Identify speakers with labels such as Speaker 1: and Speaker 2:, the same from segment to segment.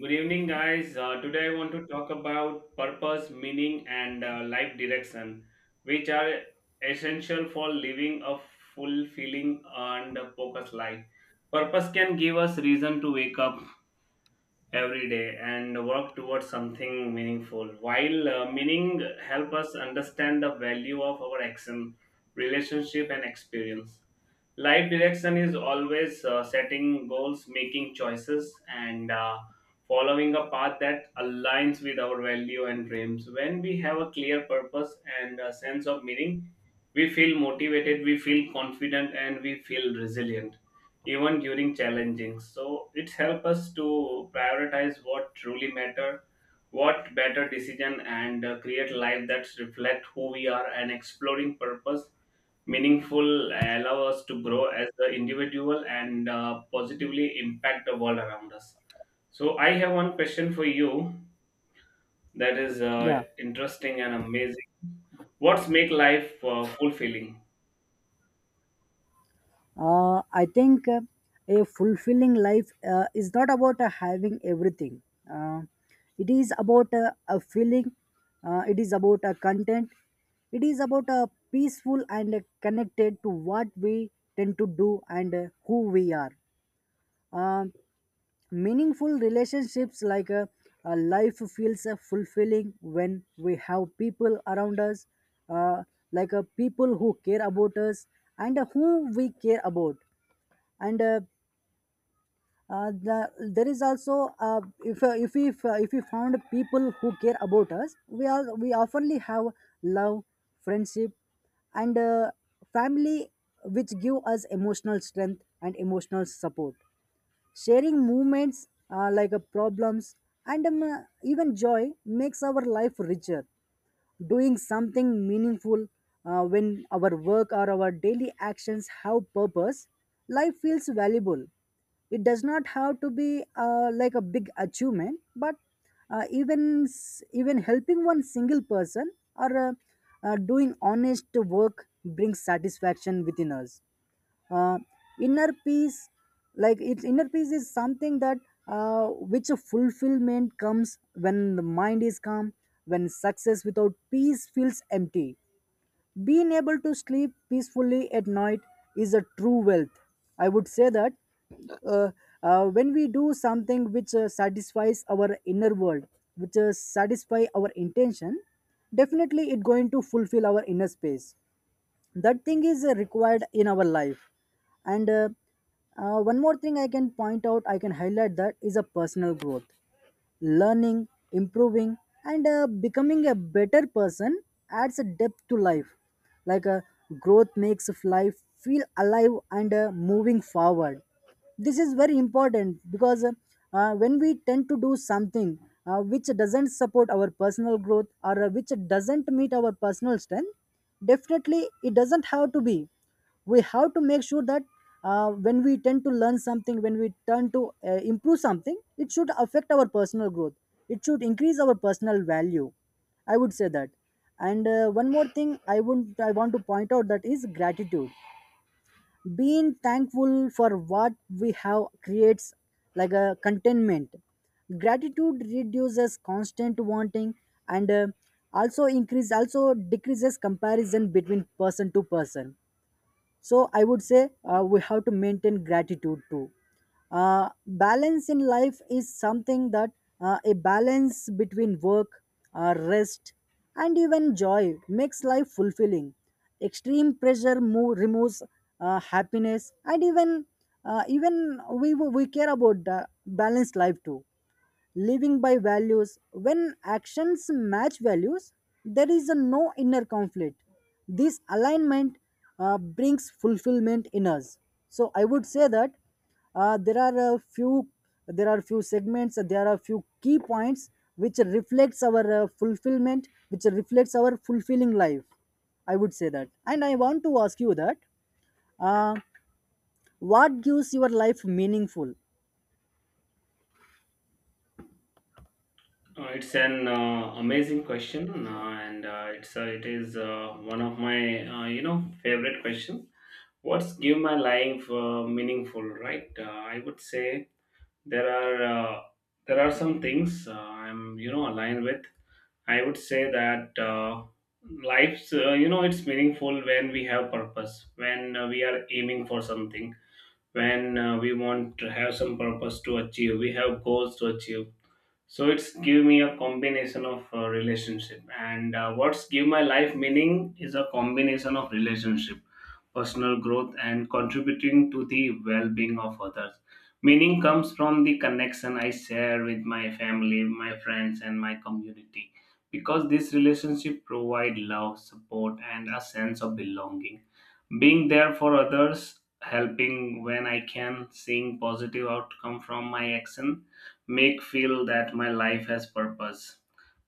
Speaker 1: Good evening, guys. Today I want to talk about purpose, meaning, and life direction, which are essential for living a fulfilling and focused life. Purpose can give us reason to wake up every day and work towards something meaningful, while meaning help us understand the value of our action, relationship, and experience. Life direction is always setting goals, making choices, and following a path that aligns with our value and dreams. When we have a clear purpose and a sense of meaning, we feel motivated, we feel confident, and we feel resilient even during challenging. So it helps us to prioritize what truly matter, what better decision, and create life that reflect who we are, and exploring purpose, meaningful, allow us to grow as the individual and positively impact the world around us. So I have one question for you, that is
Speaker 2: Yeah,
Speaker 1: interesting and amazing. What's make life fulfilling?
Speaker 2: I think a fulfilling life is not about having everything. Uh, it is about a feeling. It is about a content. It is about a peaceful and connected to what we tend to do and who we are. Uh, meaningful relationships like life feels fulfilling when we have people around us, uh, like people who care about us and who we care about and there is also if if we found people who care about us we oftenly have love, friendship, and family, which give us emotional strength and emotional support, sharing moments like problems, and even joy makes our life richer. Doing something meaningful, when our work or our daily actions have purpose, life feels valuable. It does not have to be like a big achievement, but even helping one single person or doing honest work brings satisfaction within us. Uh, inner peace, like its inner peace is something that which a fulfillment comes when the mind is calm. When success without peace feels empty, being able to sleep peacefully at night is a true wealth. I would say that uh, when we do something which satisfies our inner world, which satisfy our intention, definitely it going to fulfill our inner space. That thing is required in our life. And one more thing I can point out, I can highlight, that is a personal growth: learning, improving, and becoming a better person adds a depth to life. Like uh, Growth makes of life feel alive and moving forward. This is very important because when we tend to do something which doesn't support our personal growth or which doesn't meet our personal strength, definitely it doesn't have to be, we have to make sure that when we tend to learn something, when we turn to improve something, it should affect our personal growth, it should increase our personal value, I would say that. And one more thing I want to point out, that is gratitude. Being thankful for what we have creates like a contentment. Gratitude reduces constant wanting, and also decreases comparison between person to person. So I would say we have to maintain gratitude too. Balance in life is something that a balance between work, rest, and even joy makes life fulfilling. Removes happiness, and even we care about the balanced life too. Living by values, when actions match values, there is a no inner conflict. This alignment brings fulfillment in us. So I would say that uh, there are a few there are few segments, there are few key points which reflects our fulfillment, which reflects our fulfilling life, I would say that. And I want to ask you that, uh, what gives your life meaningful?
Speaker 1: It's an amazing question, and it's it is one of my favorite question. What's give my life meaningful, right? I would say there are some things I'm aligned with. I would say that life's it's meaningful when we have purpose, when we are aiming for something, when we want to have some purpose to achieve, we have goals to achieve. So it's give me a combination of relationship, and what's give my life meaning is a combination of relationship, personal growth, and contributing to the well-being of others. Meaning comes from the connection I share with my family, my friends, and my community, because this relationship provide love, support, and a sense of belonging. Being there for others, helping when I can, seeing positive outcome from my action, make feel that my life has purpose.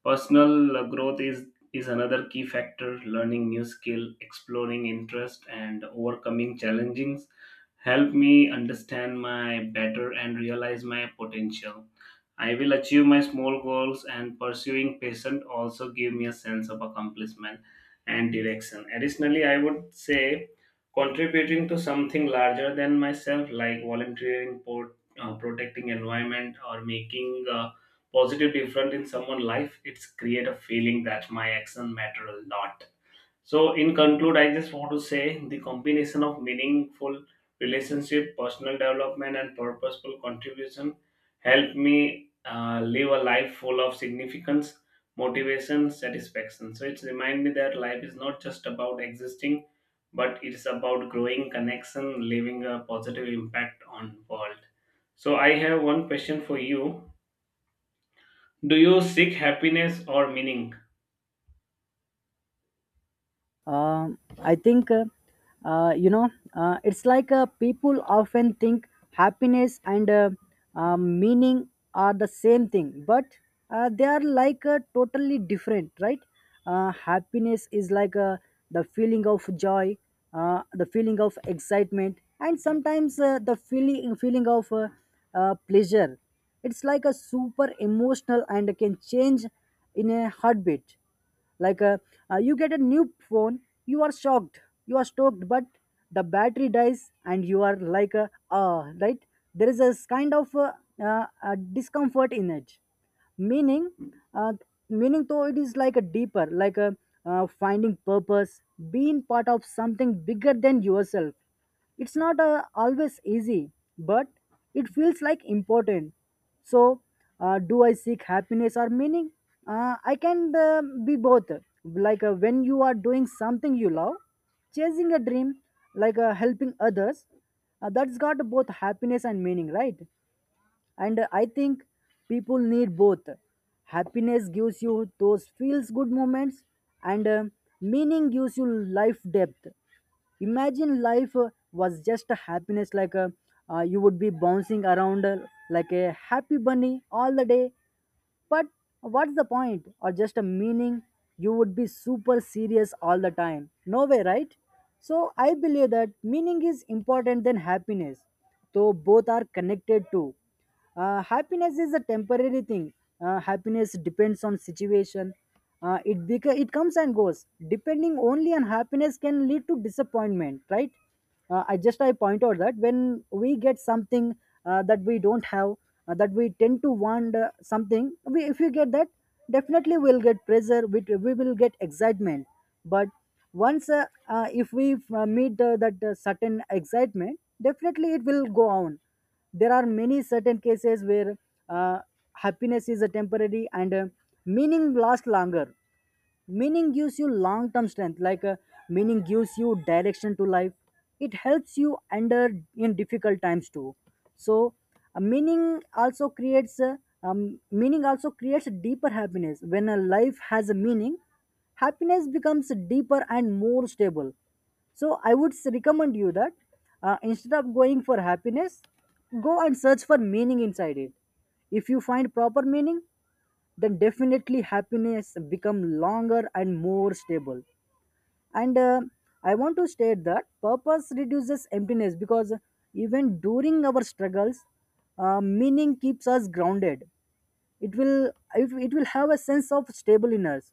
Speaker 1: Personal growth is another key factor. Learning new skill, exploring interest, and overcoming challenges help me understand my better and realize my potential. I will achieve my small goals, and pursuing patient also give me a sense of accomplishment and direction. Additionally, I would say, contributing to something larger than myself, like volunteering, protecting environment, or making a positive difference in someone's life, it's create a feeling that my action matter a lot. So, in conclude, I just want to say the combination of meaningful relationship, personal development, and purposeful contribution helped me live a life full of significance, motivation, satisfaction. So, it's remind me that life is not just about existing, but it's about growing connection, leaving a positive impact on world. So, I have one question for you. Do you seek happiness or meaning?
Speaker 2: I think, it's like people often think happiness and meaning are the same thing, but they are like totally different, right? Happiness is like the feeling of joy, the feeling of excitement, and sometimes the feeling of pleasure. It's like a super emotional and can change in a heartbeat, like you get a new phone, you are shocked, you are stoked, but the battery dies and you are like ah, right, there is a kind of discomfort in it. Meaning uh, meaning though, it is like a deeper, like a finding purpose, being part of something bigger than yourself. It's not always easy, but it feels like important. So, do I seek happiness or meaning? I can be both. Like when you are doing something you love, chasing a dream, like helping others, that's got both happiness and meaning, right? And I think people need both. Happiness gives you those feels good moments, and meaning gives you life depth. Imagine life was just a happiness, like a, you would be bouncing around like a happy bunny all the day. But what's the point? Or just a meaning, you would be super serious all the time. No way, right? So I believe that meaning is important than happiness, though both are connected too. Happiness is a temporary thing. Happiness depends on situation. It comes and goes. Depending only on happiness can lead to disappointment, right? I point out that when we get something that we don't have, that we tend to want something we, if we get that, definitely we'll get pressure, we will get excitement. But once if we meet that certain excitement, definitely it will go on. There are many certain cases where uh, happiness is a temporary, and meaning lasts longer. Meaning gives you long term strength, like meaning gives you direction to life. It helps you under, in difficult times too. So meaning also creates deeper happiness. When a life has a meaning, happiness becomes deeper and more stable. So I would recommend you that, instead of going for happiness, go and search for meaning inside it. If you find proper meaning, then definitely happiness become longer and more stable. And I want to state that purpose reduces emptiness because even during our struggles, meaning keeps us grounded. It will, it will have a sense of stable in us.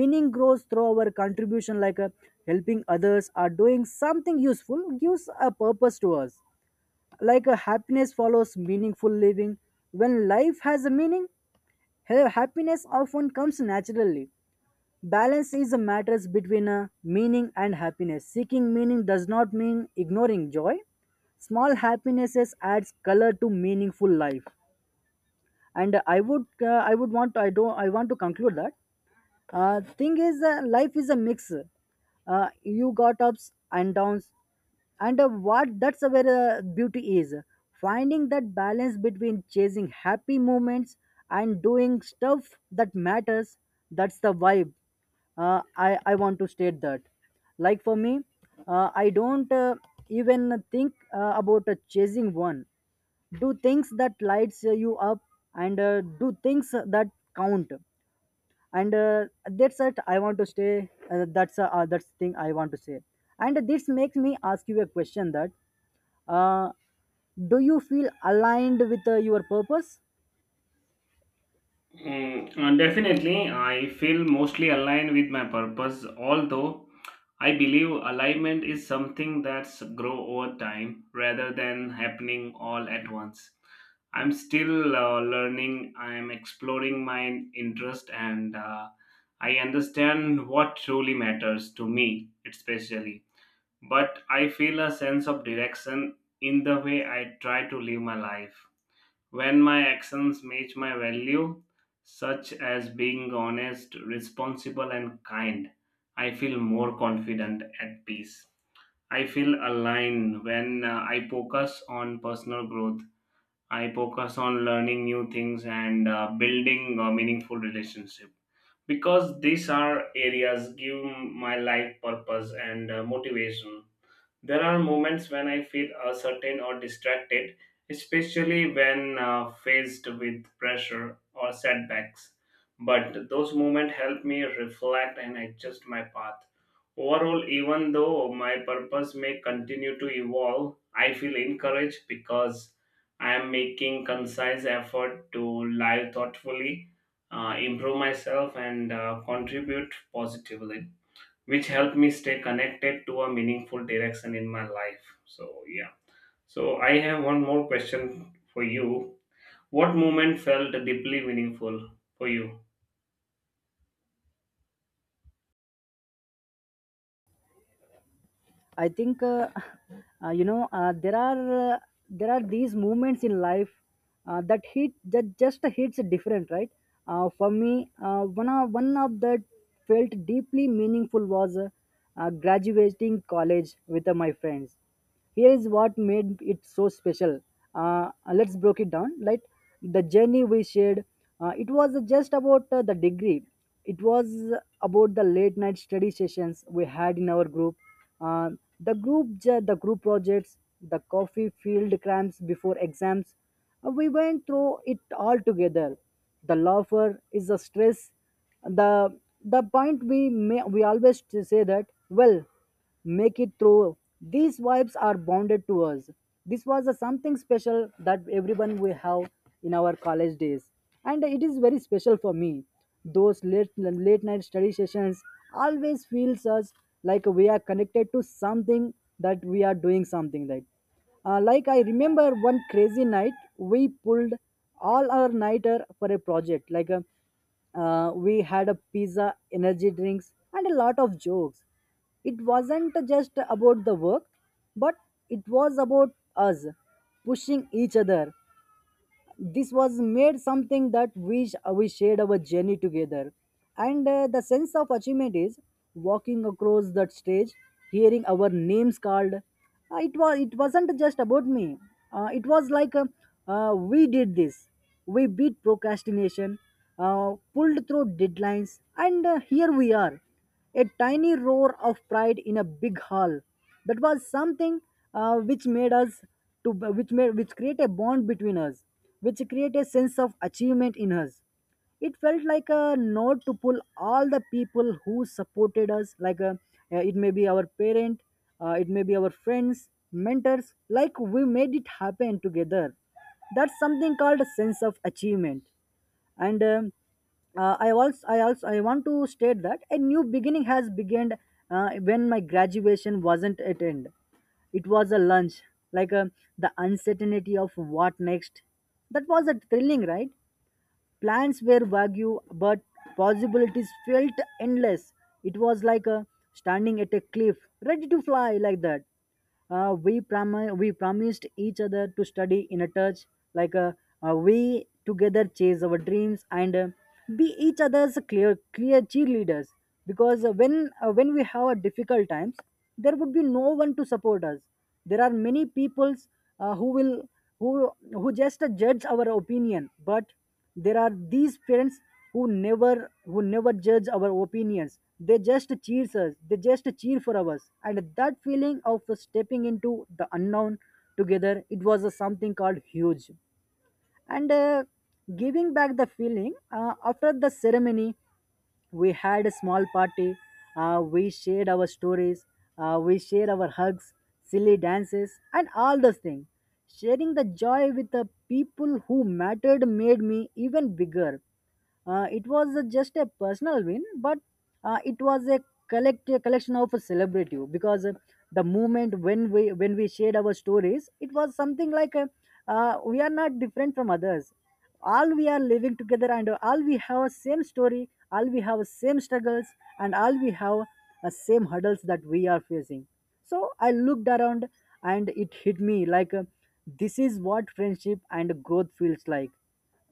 Speaker 2: Meaning grows through our contribution, like helping others or doing something useful gives a purpose to us. Like happiness follows meaningful living. When life has a meaning, here, happiness often comes naturally. Balance is a matter between meaning and happiness. Seeking meaning does not mean ignoring joy. Small happinesses adds color to meaningful life. And I would want, I don't, I want to conclude that. Thing is, life is a mix. You got ups and downs, and what that's where the beauty is, finding that balance between chasing happy moments and doing stuff that matters. That's the vibe. I want to state that, like for me, I don't even think about chasing one. Do things that lights you up, and do things that count. And that's it I want to stay that's the thing I want to say. And this makes me ask you a question that, uh, do you feel aligned with your purpose?
Speaker 1: Definitely, I feel mostly aligned with my purpose, although I believe alignment is something that's grow over time rather than happening all at once. I'm still learning, I'm exploring my interest, and I understand what truly matters to me, especially. But I feel a sense of direction in the way I try to live my life. When my actions match my value, such as being honest, responsible, and kind, I feel more confident at peace. I feel aligned when I focus on personal growth. I focus on learning new things and building a meaningful relationship, because these are areas give my life purpose and motivation. There are moments when I feel uncertain or distracted, especially when faced with pressure or setbacks. But those moments help me reflect and adjust my path. Overall, even though my purpose may continue to evolve, I feel encouraged because I am making concise effort to live thoughtfully, improve myself, and contribute positively, which helped me stay connected to a meaningful direction in my life. So, yeah. So, I have one more question for you. What moment felt deeply meaningful for you?
Speaker 2: I think uh, you know uh, there are uh, there are these moments in life that just hits different, right? For me, one of that felt deeply meaningful was graduating college with my friends. Here is what made it so special. Let's break it down, like the journey we shared, it was just about the degree, it was about the late night study sessions we had in our group, uh, the group projects, the coffee field cramps before exams. We went through it all together, the laughter is the stress, the the point we may we always say that, well, make it through. These vibes are bonded to us. This was a something special that everyone we have in our college days, and it is very special for me. Those late night study sessions always feels us like we are connected to something, that we are doing something right. Like I remember one crazy night, we pulled all our nighter for a project. We had a pizza, energy drinks, and a lot of jokes. It wasn't just about the work, but it was about us pushing each other. This was made something that we shared our journey together. And the sense of achievement is walking across that stage, hearing our names called. It wasn't just about me, it was like we did this. We beat procrastination, pulled through deadlines, and here we are, a tiny roar of pride in a big hall. That was something uh, which made us which made, which create a bond between us, which create a sense of achievement in us. It felt like a nod to pull all the people who supported us, like a, it may be our parent, it may be our friends, mentors. Like we made it happen together. That's something called a sense of achievement, and I want to state that a new beginning has begun when my graduation wasn't at end. It was a lunch, like um the uncertainty of what next. That was a thrilling, right? Plans were vague, but possibilities felt endless. It was like, standing at a cliff, ready to fly like that. We, we promised each other to study in a touch, like a, we together chase our dreams, and be each other's clear cheerleaders. Because when, when we have a difficult times, there would be no one to support us. There are many peoples who will, who just judge our opinion, but there are these parents who never judge our opinions. They just cheer us, they just cheer for us. And that feeling of stepping into the unknown together, it was something called huge. And giving back the feeling, after the ceremony, we had a small party. We shared our stories, we shared our hugs, silly dances, and all those things. Sharing the joy with the people who mattered made me even bigger. It was just a personal win, but it was a collection of a celebrity. Because the moment when we shared our stories, it was something like, we are not different from others. All we are living together, and all we have a same story, all we have same struggles, and all we have same hurdles that we are facing. So I looked around, and it hit me like, this is what friendship and growth feels like.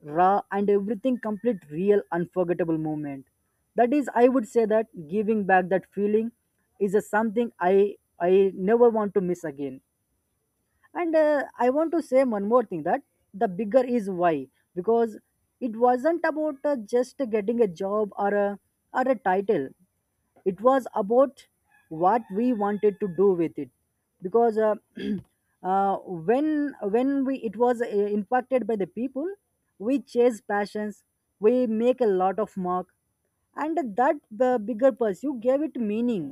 Speaker 2: Raw and everything complete, real, unforgettable moment. That is, I would say that giving back that feeling is a something I never want to miss again. And I want to say one more thing, that the bigger is why. Because it wasn't about just getting a job, or a, or a title. It was about what we wanted to do with it. Because when we it was impacted by the people, we chase passions, we make a lot of mark, and that bigger pursuit gave it meaning.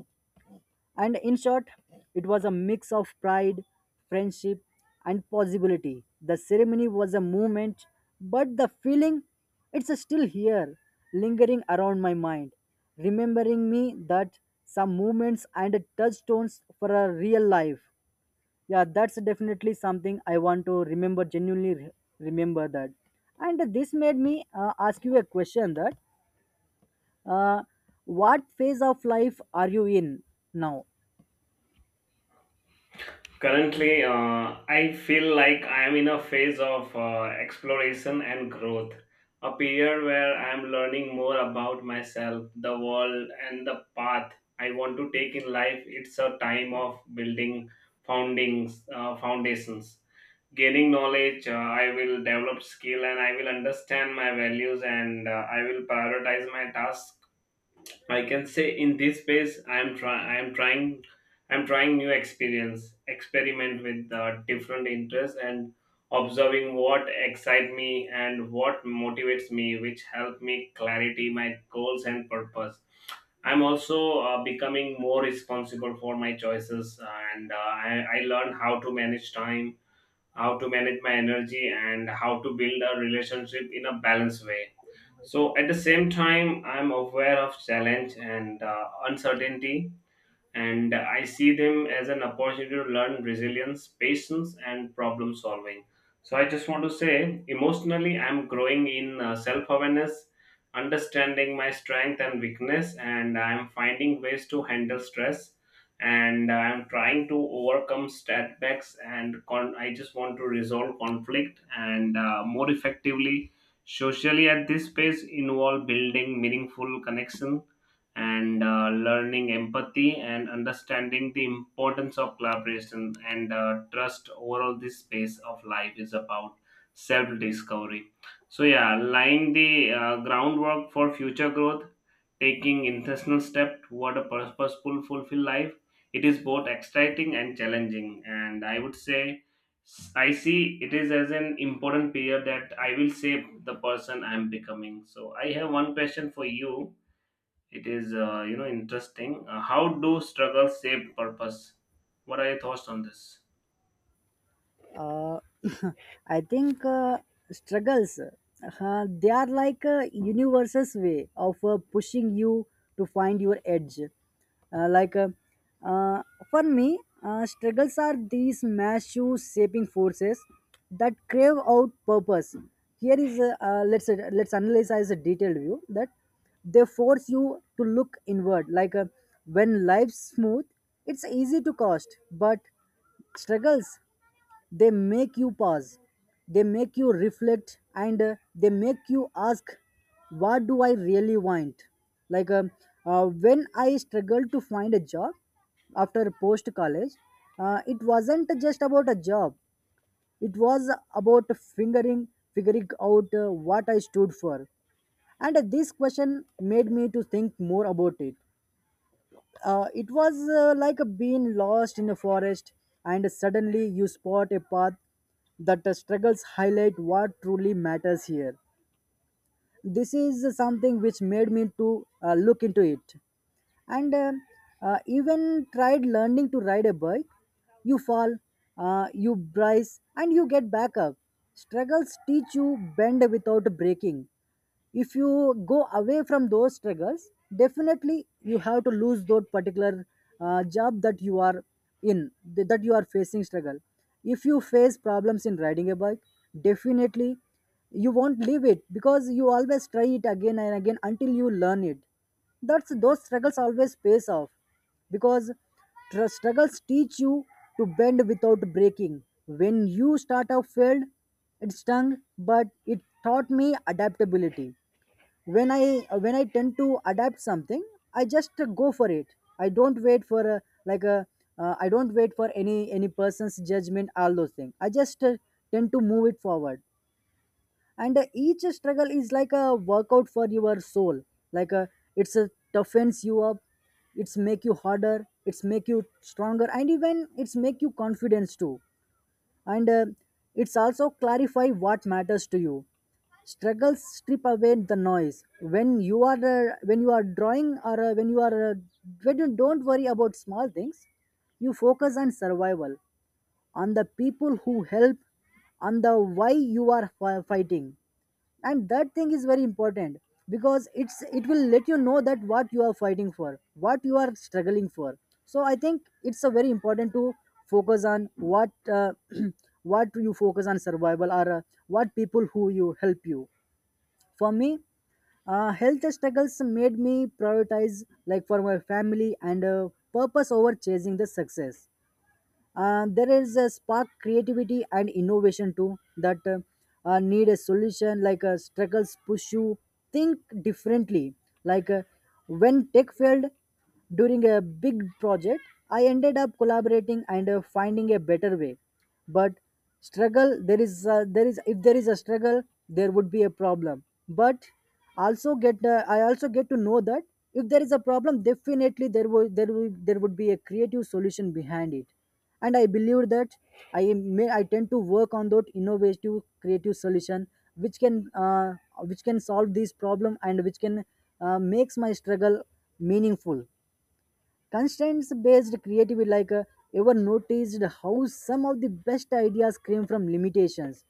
Speaker 2: And in short, it was a mix of pride, friendship, and possibility. The ceremony was a moment, but the feeling, it's still here, lingering around my mind, remembering me that some moments and touchstones for a real life. Yeah, that's definitely something I want to remember, genuinely remember that. And this made me ask you a question, that uh, what phase of life are you in now?
Speaker 1: Currently, I feel like I am in a phase of exploration and growth, a period where I am learning more about myself, the world, and the path I want to take in life. It's a time of building foundations, gaining knowledge. I will develop skill, and I will understand my values, and I will prioritize my task. I can say in this space, I'm trying new experience, experiment with different interests, and observing what excite me and what motivates me, which help me clarity my goals and purpose. I'm also becoming more responsible for my choices, and I learn how to manage time, how to manage my energy, and how to build a relationship in a balanced way. So at the same time, I'm aware of challenge and uncertainty, and I see them as an opportunity to learn resilience, patience, and problem solving. So I just want to say, emotionally, I'm growing in self awareness, understanding my strength and weakness, and I'm finding ways to handle stress. And I'm trying to overcome setbacks, and I just want to resolve conflict, and more effectively. Socially, at this space, involve building meaningful connection, and learning empathy, and understanding the importance of collaboration and trust. Overall, this space of life is about self discovery. So yeah, laying the groundwork for future growth, taking intentional step toward a purposeful, fulfilled life. It is both exciting and challenging, and I would say I see it is as an important period that I will shape the person I am becoming. So I have one question for you. It is, interesting. How do struggles shape purpose? What are your thoughts on this?
Speaker 2: uh, I think struggles, they are like a universe's way of pushing you to find your edge. Uh, like uh, uh, for me, struggles are these massive shaping forces that crave out purpose. Here is a, let's analyze as a detailed view that they force you to look inward. Like, when life's smooth, it's easy to coast, but struggles, they make you pause, they make you reflect, and they make you ask, what do I really want? Like um, when I struggled to find a job after post college, it wasn't just about a job, it was about figuring, figuring out what I stood for. And this question made me to think more about it. It was like a being lost in a forest, and suddenly you spot a path, that the struggles highlight what truly matters here. This is something which made me to look into it. And even tried learning to ride a bike. You fall, you brace, and you get back up. Struggles teach you bend without breaking. If you go away from those struggles, definitely you have to lose that particular job that you are in, that you are facing struggle. If you face problems in riding a bike, definitely you won't leave it, because you always try it again and again until you learn it. That's those struggles always pays off. Because, struggles teach you to bend without breaking. When you start out failed, it stung, but it taught me adaptability. when i when I tend to adapt something, I just go for it. I don't wait for a, like a, I don't wait for any person's judgment, all those things. I just tend to move it forward. And each struggle is like a workout for your soul. Like a, it's a toughens you up, it's make you harder, it's make you stronger, and even it's make you confidence too. And it's also clarify what matters to you. Struggles strip away the noise. When you are drawing, or when you don't worry about small things, you focus on survival, on the people who help, on the why you are fighting. And that thing is very important, because it will let you know that what you are fighting for, what you are struggling for. So I think it's a very important to focus on what, uh, what you focus on survival, or what people who you help you. For me, health struggles made me prioritize, like for my family, and purpose over chasing the success. There is a spark creativity and innovation too, that need a solution. Like, struggles push you think differently. Like, when tech failed during a big project, I ended up collaborating and finding a better way. But struggle, there is a, there is, if there is a struggle, there would be a problem. But also get, I also get to know that if there is a problem, definitely there would be a creative solution behind it. And I believe that I am may I tend to work on that innovative creative solution, which can uh, which can solve this problem, and which can makes my struggle meaningful. Constraints based creativity, like, ever noticed how some of the best ideas came from limitations.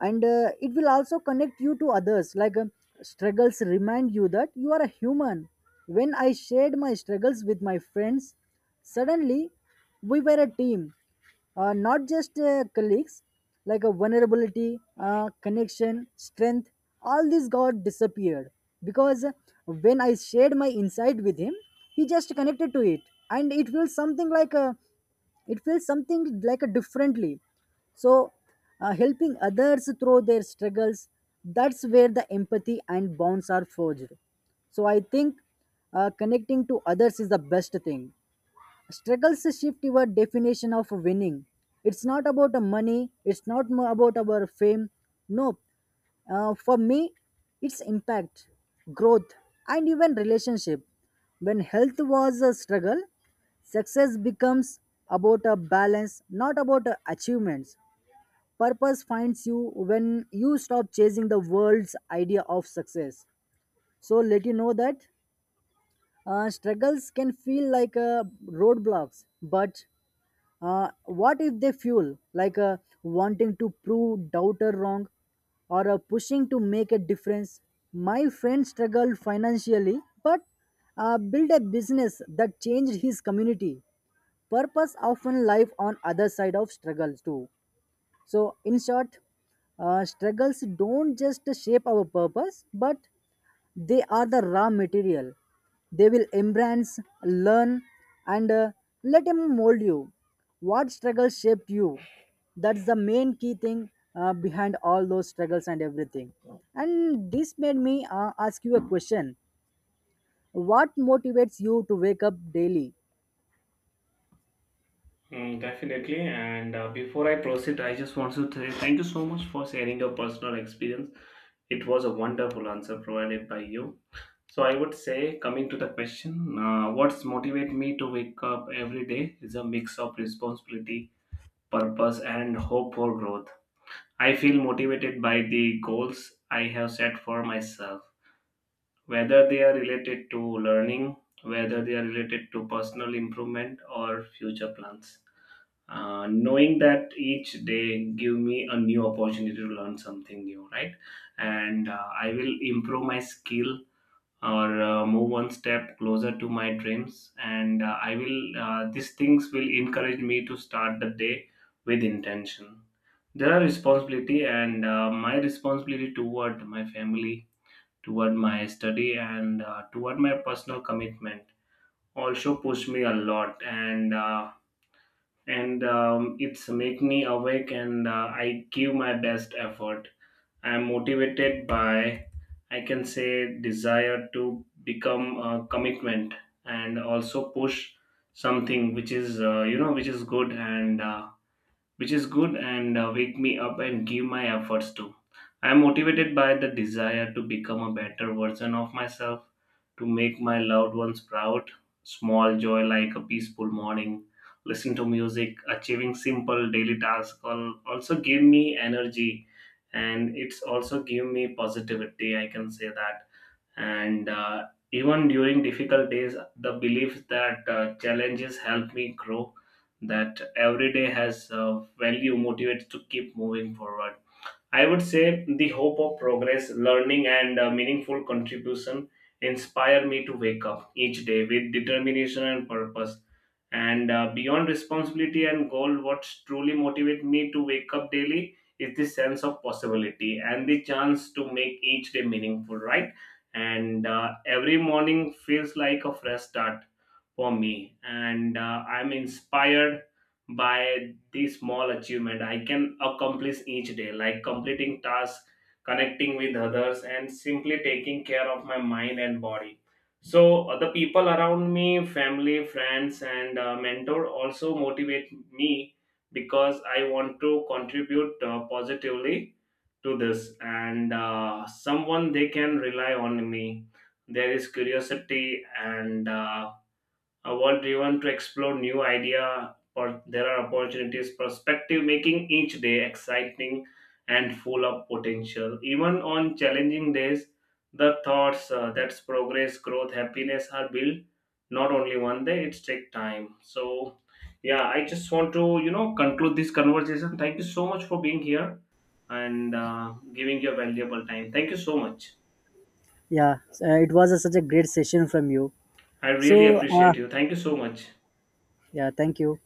Speaker 2: And it will also connect you to others. Struggles remind you that you are a human. When I shared my struggles with my friends, suddenly we were a team, not just colleagues. Like a vulnerability, connection strength, all these got disappeared. Because when I shared my insight with him, he just connected to it. And it feels something like a differently. So helping others through their struggles, that's where the empathy and bonds are forged. So I think connecting to others is the best thing. Struggles shift your definition of winning. It's not about the money, it's not about our fame. No. For me, it's impact, growth, and even relationship. When health was a struggle, success becomes about a balance, not about a achievements. Purpose finds you when you stop chasing the world's idea of success. So let you know that struggles can feel like, roadblocks, but what if they fuel, like, wanting to prove doubter wrong, or pushing to make a difference? My friend struggled financially, but built a business that changed his community. Purpose often life on other side of struggles too. So in short, struggles don't just shape our purpose, but they are the raw material. They will embrace, learn, and let them mold you. What struggles shaped you? That's the main key thing behind all those struggles and everything. And this made me ask you a question, what motivates you to wake up daily?
Speaker 1: Mm, definitely. And before I proceed, I just want to thank you so much for sharing your personal experience. It was a wonderful answer provided by you. So I would say, coming to the question, what's motivate me to wake up every day is a mix of responsibility, purpose, and hope for growth. I feel motivated by the goals I have set for myself, whether they are related to learning, whether they are related to personal improvement or future plans. Knowing that each day give me a new opportunity to learn something new, right? And I will improve my skill, or move one step closer to my dreams. And I will these things will encourage me to start the day with intention. There are responsibility, and my responsibility toward my family, toward my study, and toward my personal commitment, also pushed me a lot. And it's make me awake, and I give my best effort. I am motivated by, I can say, desire to become a commitment, and also push something which is which is good, and wake me up and give my efforts to. I am motivated by the desire to become a better version of myself, to make my loved ones proud. Small joy like a peaceful morning, listening to music, achieving simple daily tasks, also give me energy, and it's also give me positivity. I can say that. And even during difficult days, the belief that challenges help me grow, that every day has value, motivates to keep moving forward. I would say the hope of progress, learning, and meaningful contribution inspire me to wake up each day with determination and purpose. And beyond responsibility and goal, what truly motivates me to wake up daily is the sense of possibility and the chance to make each day meaningful, right? And every morning feels like a fresh start for me. And I'm inspired by the small achievement I can accomplish each day, like completing tasks, connecting with others, and simply taking care of my mind and body. So the people around me, family, friends, and mentor, also motivate me, because I want to contribute positively to this, and someone they can rely on me. There is curiosity and what driven to explore new idea, or there are opportunities perspective, making each day exciting and full of potential. Even on challenging days, the thoughts that's progress, growth, happiness are built not only one day, it's take time. So yeah, I just want to conclude this conversation. Thank you so much for being here, and giving your valuable time. Thank you so much.
Speaker 2: Yeah, it was a, such a great session from you.
Speaker 1: I really
Speaker 2: So,
Speaker 1: appreciate you. Thank you so much.
Speaker 2: yeah, thank you.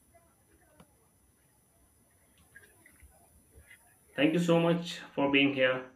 Speaker 1: Thank you so much for being here.